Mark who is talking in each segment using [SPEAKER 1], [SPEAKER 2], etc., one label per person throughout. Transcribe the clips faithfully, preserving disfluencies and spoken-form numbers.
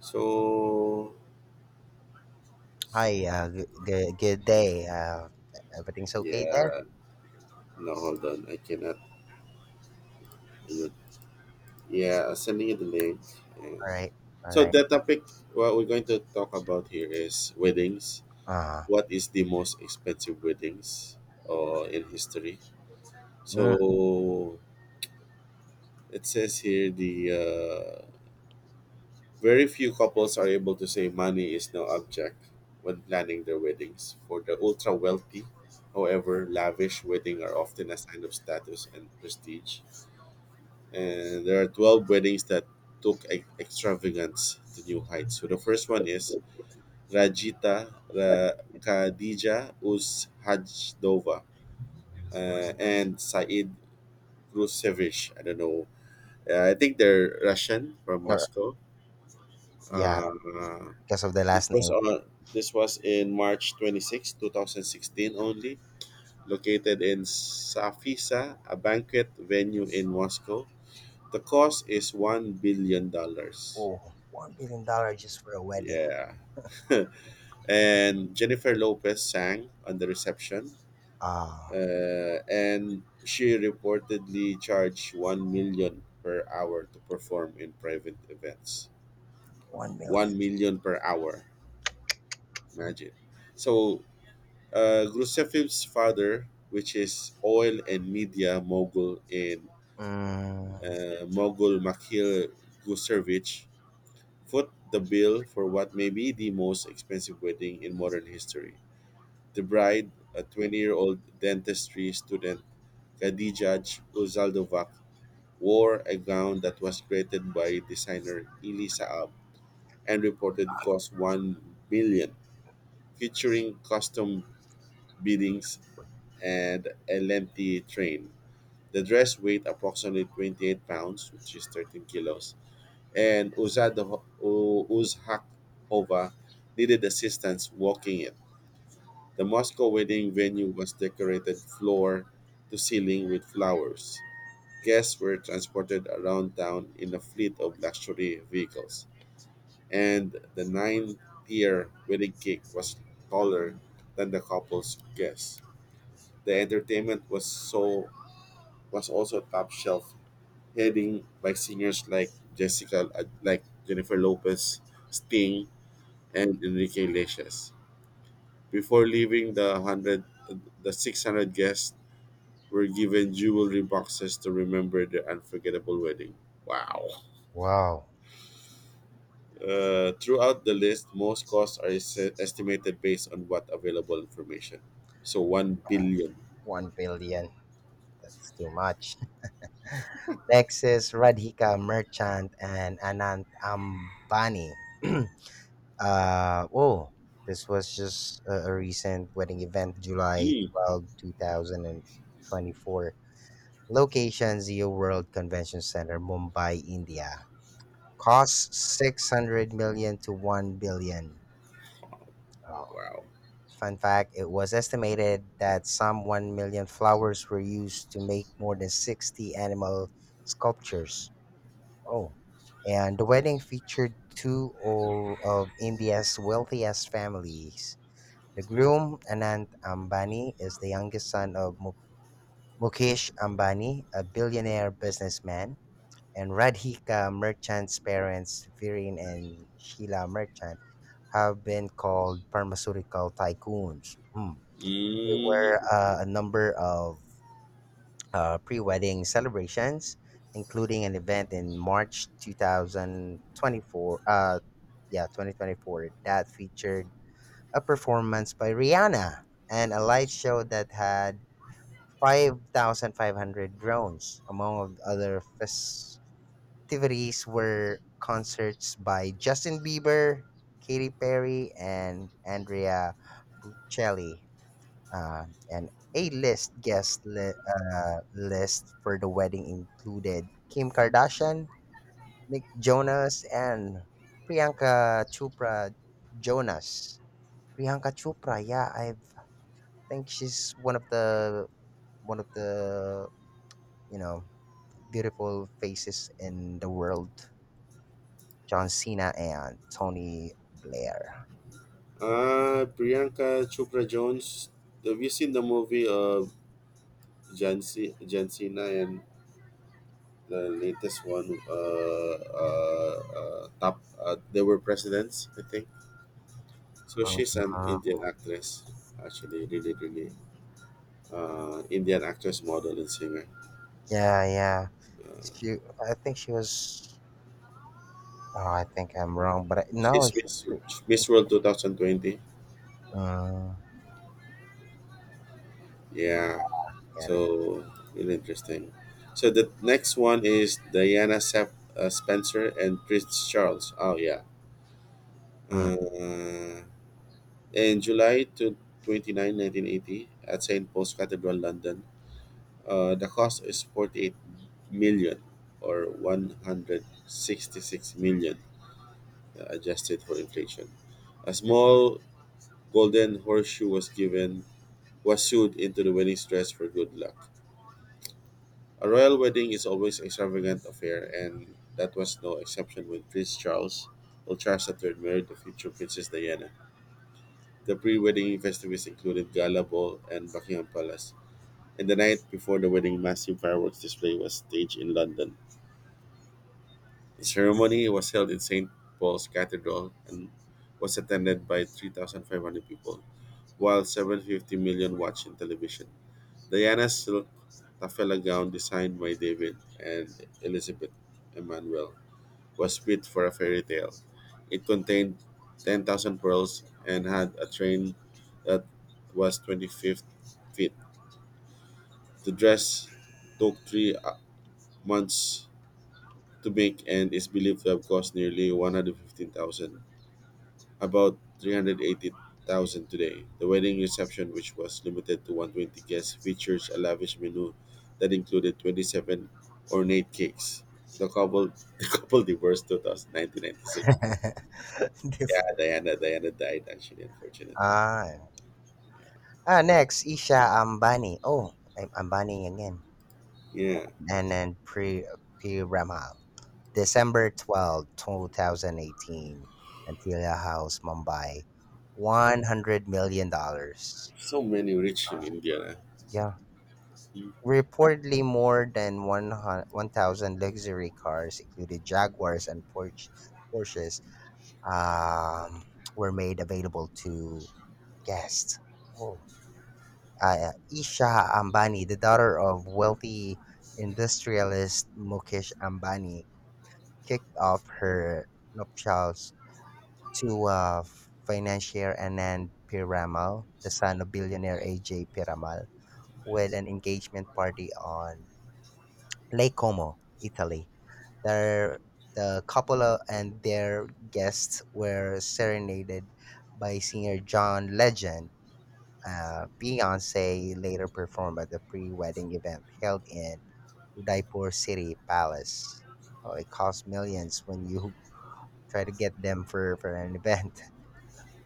[SPEAKER 1] So,
[SPEAKER 2] Hi, uh, g- g- good day. Uh, everything's okay there?
[SPEAKER 1] yeah, no, hold on, I cannot. Yeah, sending you the link. And
[SPEAKER 2] All right, all
[SPEAKER 1] so
[SPEAKER 2] right.
[SPEAKER 1] the topic what we're going to talk about here is weddings.
[SPEAKER 2] Uh,
[SPEAKER 1] What is the most expensive weddings uh, in history?
[SPEAKER 2] mm,
[SPEAKER 1] So it says here the uh, very few couples are able to say money is no object when planning their weddings. For the ultra wealthy, however, lavish weddings are often a sign of status and prestige. And there are twelve weddings that took e- extravagance to new heights. So the first one is Rajita Ra- Khadija Uz Hajdova uh, and Said Krusevich. I don't know. Uh, I think they're Russian from
[SPEAKER 2] er,
[SPEAKER 1] Moscow.
[SPEAKER 2] yeah,
[SPEAKER 1] Uh,
[SPEAKER 2] because of the
[SPEAKER 1] this
[SPEAKER 2] last
[SPEAKER 1] was
[SPEAKER 2] name.
[SPEAKER 1] on this was in March twenty sixth, two thousand sixteen only, located in Safisa, a banquet venue in Moscow. The cost is one billion dollars.
[SPEAKER 2] Oh, one billion dollar just for a wedding.
[SPEAKER 1] Yeah. And Jennifer Lopez sang on the reception,
[SPEAKER 2] Uh,
[SPEAKER 1] uh, and she reportedly charged one million per hour to perform in private events.
[SPEAKER 2] one million.
[SPEAKER 1] one million per hour. Imagine. So, uh, Grusefiv's father, which is oil and media mogul in
[SPEAKER 2] Mm,
[SPEAKER 1] uh, mogul Makhil Gusevich, foot the bill for what may be the most expensive wedding in modern history. The bride, a twenty-year-old dentistry student, Khadija Uzaldovac, wore a gown that was created by designer Ili Saab and reported cost one million, featuring custom beadings and a lengthy train. The dress weighed approximately twenty-eight pounds, which is thirteen kilos, and Uzadho- U- Uzhakova needed assistance walking it. The Moscow wedding venue was decorated floor to ceiling with flowers. Guests were transported around town in a fleet of luxury vehicles, and the nine tier wedding cake was taller than the couple's guests. The entertainment was so was also top shelf, heading by singers like Jessica, like Jennifer Lopez, Sting, and Enrique Iglesias. Before leaving the hundred, the six hundred guests were given jewelry boxes to remember their unforgettable wedding. Wow.
[SPEAKER 2] wow,
[SPEAKER 1] Uh, throughout the list, most costs are es- estimated based on what available information. So one billion.
[SPEAKER 2] one billion. That's too much. Next is Radhika Merchant and Anant Ambani. uh, oh, this was just a, a recent wedding event, July
[SPEAKER 1] Mm.
[SPEAKER 2] twelfth, two two thousand twenty-four. Location Zeo World Convention Center, Mumbai, India. Cost six hundred million to one billion. Oh.
[SPEAKER 1] Wow.
[SPEAKER 2] Fun fact, it was estimated that some one million flowers were used to make more than sixty animal sculptures. Oh. And the wedding featured two o- of India's wealthiest families. The groom, Anant Ambani, is the youngest son of Mu- Mukesh Ambani, a billionaire businessman, and Radhika Merchant's parents, Viren and Sheila Merchant, have been called pharmaceutical tycoons. Hmm. There
[SPEAKER 1] Mm.
[SPEAKER 2] were uh, a number of uh, pre wedding celebrations, including an event in March two thousand twenty-four, uh, yeah, twenty twenty-four, that featured a performance by Rihanna and a light show that had five thousand five hundred drones, among other fes- activities were concerts by Justin Bieber, Katy Perry, and Andrea Bocelli, uh, and A-list guest li- uh, list for the wedding included Kim Kardashian, Nick Jonas, and Priyanka Chopra Jonas. Priyanka Chopra, yeah, I think she's one of the one of the you know beautiful faces in the world. John Cena and Tony Blair.
[SPEAKER 1] Uh, Priyanka Chopra Jones. Have you seen the movie of John, C- John Cena and the latest one? Uh, uh, uh, top. Uh, they were presidents, I think. So she's an
[SPEAKER 2] Mhm.
[SPEAKER 1] Indian actress. Actually, really, really uh, Indian actress, model, and singer.
[SPEAKER 2] Yeah, yeah. She, I think she was. Oh, I think I'm wrong, but I, no,
[SPEAKER 1] She's
[SPEAKER 2] she's.
[SPEAKER 1] Miss,
[SPEAKER 2] Pre-
[SPEAKER 1] Miss
[SPEAKER 2] she's
[SPEAKER 1] World two thousand twenty.
[SPEAKER 2] mm,
[SPEAKER 1] Yeah,
[SPEAKER 2] get it.
[SPEAKER 1] so really interesting. So the next one is Diana Sep- uh, Spencer and Prince Charles. Oh, yeah.
[SPEAKER 2] Mm.
[SPEAKER 1] Uh, in July to 29, nineteen eighty, at Saint Paul's Cathedral, London, uh, the cost is forty-eight million or one hundred sixty-six million uh, adjusted for inflation. A small golden horseshoe was given was sewed into the wedding dress for good luck. A royal wedding is always an extravagant affair, and that was no exception when Prince Charles, or Charles the Third, married the future Princess Diana. The pre-wedding festivities included gala ball and Buckingham Palace, and the night before the wedding, massive fireworks display was staged in London. The ceremony was held in Saint Paul's Cathedral and was attended by three thousand five hundred people, while seven hundred fifty million watched in television. Diana silk taffeta gown designed by David and Elizabeth Emanuel was fit for a fairy tale. It contained ten thousand pearls and had a train that was twenty-five feet. The dress took three uh, months to make and is believed to have cost nearly one hundred fifteen thousand, about three hundred eighty thousand today. The wedding reception, which was limited to one hundred twenty guests, features a lavish menu that included twenty-seven ornate cakes. The couple, the couple divorced Two thousand nineteen ninety-six. Yeah,
[SPEAKER 2] Diff-
[SPEAKER 1] Diana, Diana died actually, unfortunately.
[SPEAKER 2] ah. Ah, next, Isha Ambani. Oh, I'm Ambani again.
[SPEAKER 1] Yeah,
[SPEAKER 2] And then Pri- Piramal. December twelfth, two twenty eighteen, Antilia House, Mumbai. one hundred million dollars dollars.
[SPEAKER 1] so many rich in India.
[SPEAKER 2] Yeah. Reportedly, more than one thousand luxury cars, including Jaguars and Porsche, Porsches, um, were made available to guests. Whoa. Uh, Isha Ambani, the daughter of wealthy industrialist Mukesh Ambani, kicked off her nuptials to uh, financier Anand Piramal, the son of billionaire A J. Piramal, with an engagement party on Lake Como, Italy. Their, the couple uh, and their guests were serenaded by singer John Legend. Uh, Beyonce later performed at the pre-wedding event held in Udaipur City Palace. Oh, it costs millions when you try to get them for, for an event.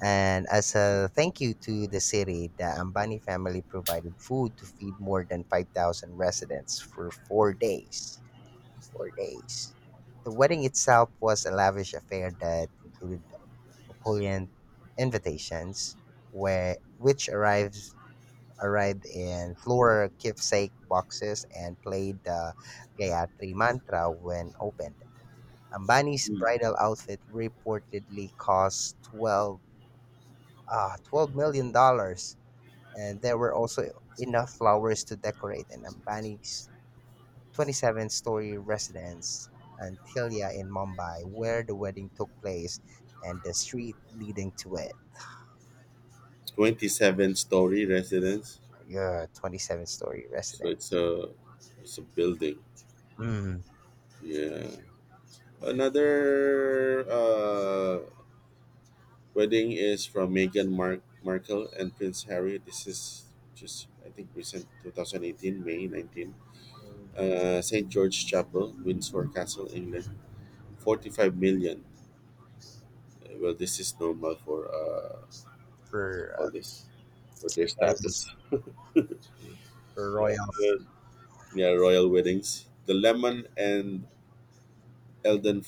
[SPEAKER 2] And as a thank you to the city, the Ambani family provided food to feed more than five thousand residents for four days. Four days. The wedding itself was a lavish affair that included opulent invitations, where, which arrives, arrived in floral keepsake boxes and played the Gayatri mantra when opened. Ambani's
[SPEAKER 1] Mhm.
[SPEAKER 2] bridal outfit reportedly cost twelve, uh, twelve million dollars, and there were also enough flowers to decorate an Ambani's twenty-seven-story residence, Antilia in Mumbai, where the wedding took place, and the street leading to it.
[SPEAKER 1] twenty-seven story residence.
[SPEAKER 2] Yeah, twenty-seven-story
[SPEAKER 1] So it's
[SPEAKER 2] residence.
[SPEAKER 1] a it's a building.
[SPEAKER 2] Mm.
[SPEAKER 1] Yeah. Another uh Wedding is from Meghan Mark- Markle and Prince Harry. This is just, I think, recent twenty eighteen, May nineteenth.
[SPEAKER 2] Mm.
[SPEAKER 1] Uh, Saint George Chapel, Windsor Castle, England. forty-five million. Uh, Well, this is normal for uh,
[SPEAKER 2] For
[SPEAKER 1] all
[SPEAKER 2] uh,
[SPEAKER 1] this, for their
[SPEAKER 2] royals,
[SPEAKER 1] status.
[SPEAKER 2] for royals.
[SPEAKER 1] Uh, yeah, royal weddings. The lemon and Eldon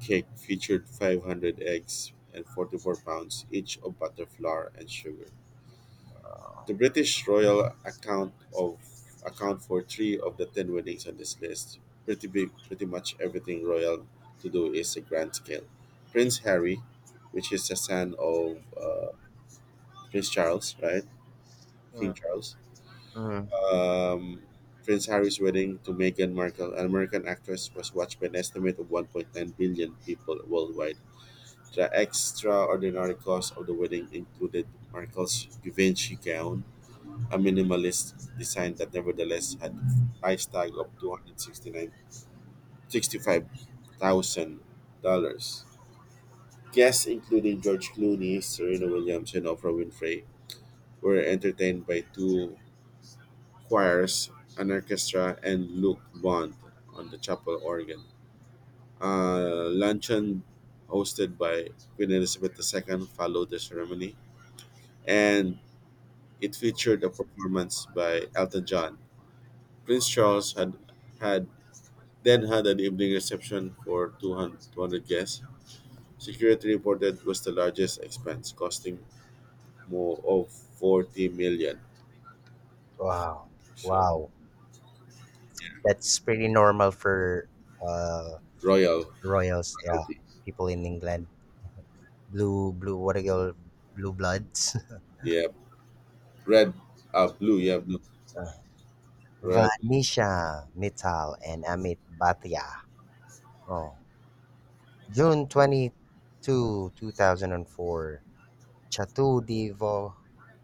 [SPEAKER 1] cake featured five hundred eggs and forty-four pounds each of butter, flour, and sugar. The British Royal account of account for three of the ten weddings on this list. Pretty big, pretty much everything royal to do is a grand scale. Prince Harry, which is the son of uh, Prince Charles, right? King
[SPEAKER 2] Mm.
[SPEAKER 1] Charles.
[SPEAKER 2] Mm.
[SPEAKER 1] Um, Prince Harry's wedding to Meghan Markle, an American actress, was watched by an estimate of one point nine billion people worldwide. The extraordinary cost of the wedding included Markle's Givenchy gown, a minimalist design that nevertheless had a price tag of two hundred sixty-nine sixty-five thousand dollars. Guests including George Clooney, Serena Williams, and Oprah Winfrey were entertained by two choirs, an orchestra, and Luke Bond on the chapel organ. A luncheon hosted by Queen Elizabeth the Second followed the ceremony, and it featured a performance by Elton John. Prince Charles had had then had an evening reception for two hundred guests. Security reported was the largest expense, costing more of forty million.
[SPEAKER 2] Wow,
[SPEAKER 1] So
[SPEAKER 2] wow. That's pretty normal for uh
[SPEAKER 1] royal
[SPEAKER 2] royals, yeah,
[SPEAKER 1] royalty.
[SPEAKER 2] people in England, blue, blue, what do you call blue bloods?
[SPEAKER 1] Yeah, red, uh, blue. Yeah, blue
[SPEAKER 2] Uh,
[SPEAKER 1] royal. Blues.
[SPEAKER 2] Vanisha Mittal and Amit Bhatia. Oh, June twenty-second, two thousand four, Chateau de Vo-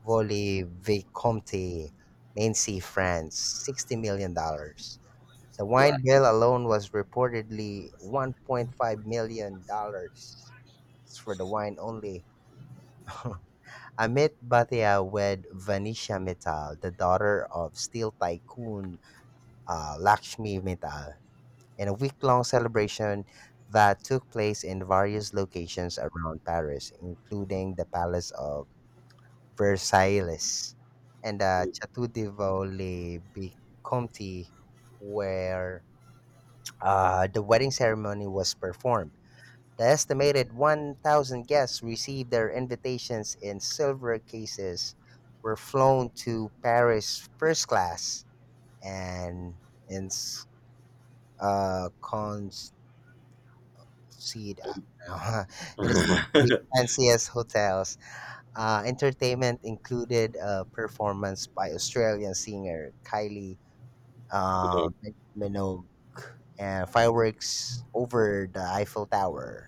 [SPEAKER 2] Volley Vicomte, Nancy, France, sixty million dollars dollars. The
[SPEAKER 1] Wow.
[SPEAKER 2] wine bill alone was reportedly one point five million dollars dollars. It's for the wine only. Amit Bhatia wed Vanisha Mittal, the daughter of steel tycoon uh, Lakshmi Mittal, in a week long celebration that took place in various locations around Paris, including the Palace of Versailles and the
[SPEAKER 1] Blue.
[SPEAKER 2] Chateau de Vaux Vicomte, where uh, the wedding ceremony was performed. The estimated one thousand guests received their invitations in silver cases, were flown to Paris first class, and in s- uh, concede, uh, in the city's fanciest hotels. Uh, entertainment included a performance by Australian singer Kylie
[SPEAKER 1] you know,
[SPEAKER 2] uh, Min- Minogue and fireworks over the Eiffel Tower.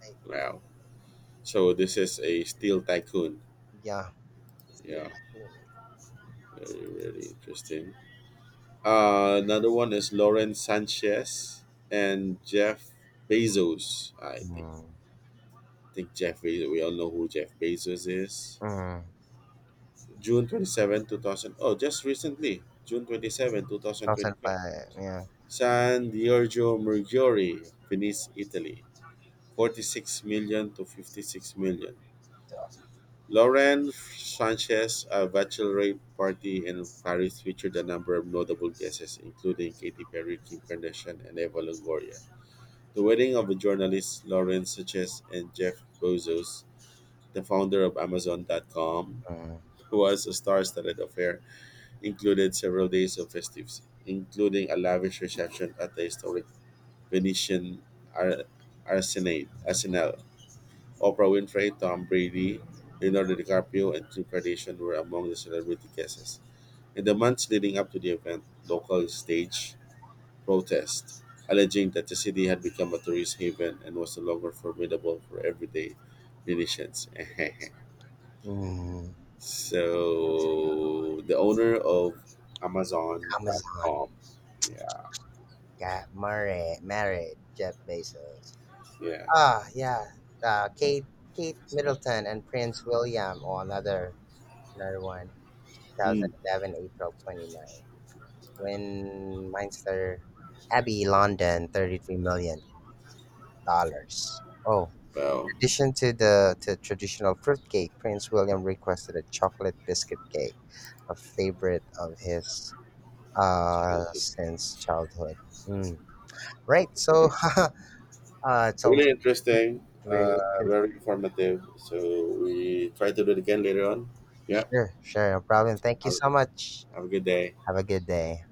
[SPEAKER 2] Like,
[SPEAKER 1] wow. So this is a steel tycoon.
[SPEAKER 2] yeah, still
[SPEAKER 1] Yeah,
[SPEAKER 2] iconic.
[SPEAKER 1] very really interesting. Uh, another one is Lauren Sanchez and Jeff Bezos. I think
[SPEAKER 2] Mm,
[SPEAKER 1] I think Jeff Bezos, we all know who Jeff Bezos is.
[SPEAKER 2] mm,
[SPEAKER 1] June twenty-seventh, two thousand. Oh, just recently. June twenty-seventh, twenty twenty-five.
[SPEAKER 2] twenty oh five, yeah. Yeah.
[SPEAKER 1] San Giorgio Mercuri, Venice, Italy. forty-six million to fifty-six million.
[SPEAKER 2] So,
[SPEAKER 1] Lauren Sanchez, a bachelorette party in Paris, featured a number of notable guests, including Katy Perry, Kim Kardashian, and Eva Longoria. The wedding of the journalists Lauren Sanchez and Jeff Bezos, the founder of Amazon dot com,
[SPEAKER 2] Mm,
[SPEAKER 1] who was a star-studded affair, included several days of festivities, including a lavish reception at the historic Venetian Ar- Arsenate, Arsenal. Oprah Winfrey, Tom Brady, Leonardo DiCaprio, and Kim Kardashian were among the celebrity guests. In the months leading up to the event, local stage protests alleging that the city had become a tourist haven and was no longer formidable for everyday Venetians.
[SPEAKER 2] mm.
[SPEAKER 1] So the owner of
[SPEAKER 2] Amazon
[SPEAKER 1] Amazon dot com. Yeah,
[SPEAKER 2] got married, married Jeff Bezos.
[SPEAKER 1] yeah.
[SPEAKER 2] Ah, yeah. Uh, Kate, Kate Middleton and Prince William, or another, another one.
[SPEAKER 1] Mm.
[SPEAKER 2] twenty eleven, April twenty ninth. When Minster Abbey, London, thirty-three million dollars. Oh,
[SPEAKER 1] Well,
[SPEAKER 2] in addition to the to traditional fruit cake, Prince William requested a chocolate biscuit cake, a favorite of his uh
[SPEAKER 1] childhood.
[SPEAKER 2] since childhood. Mm. Right. So,
[SPEAKER 1] Yeah.
[SPEAKER 2] uh, it's all
[SPEAKER 1] Really interesting.
[SPEAKER 2] very.
[SPEAKER 1] Uh, very informative. So we try to do it again later on. Yeah.
[SPEAKER 2] Sure, sure, no problem. Thank you
[SPEAKER 1] Have,
[SPEAKER 2] so much.
[SPEAKER 1] have a good day.
[SPEAKER 2] Have a good day.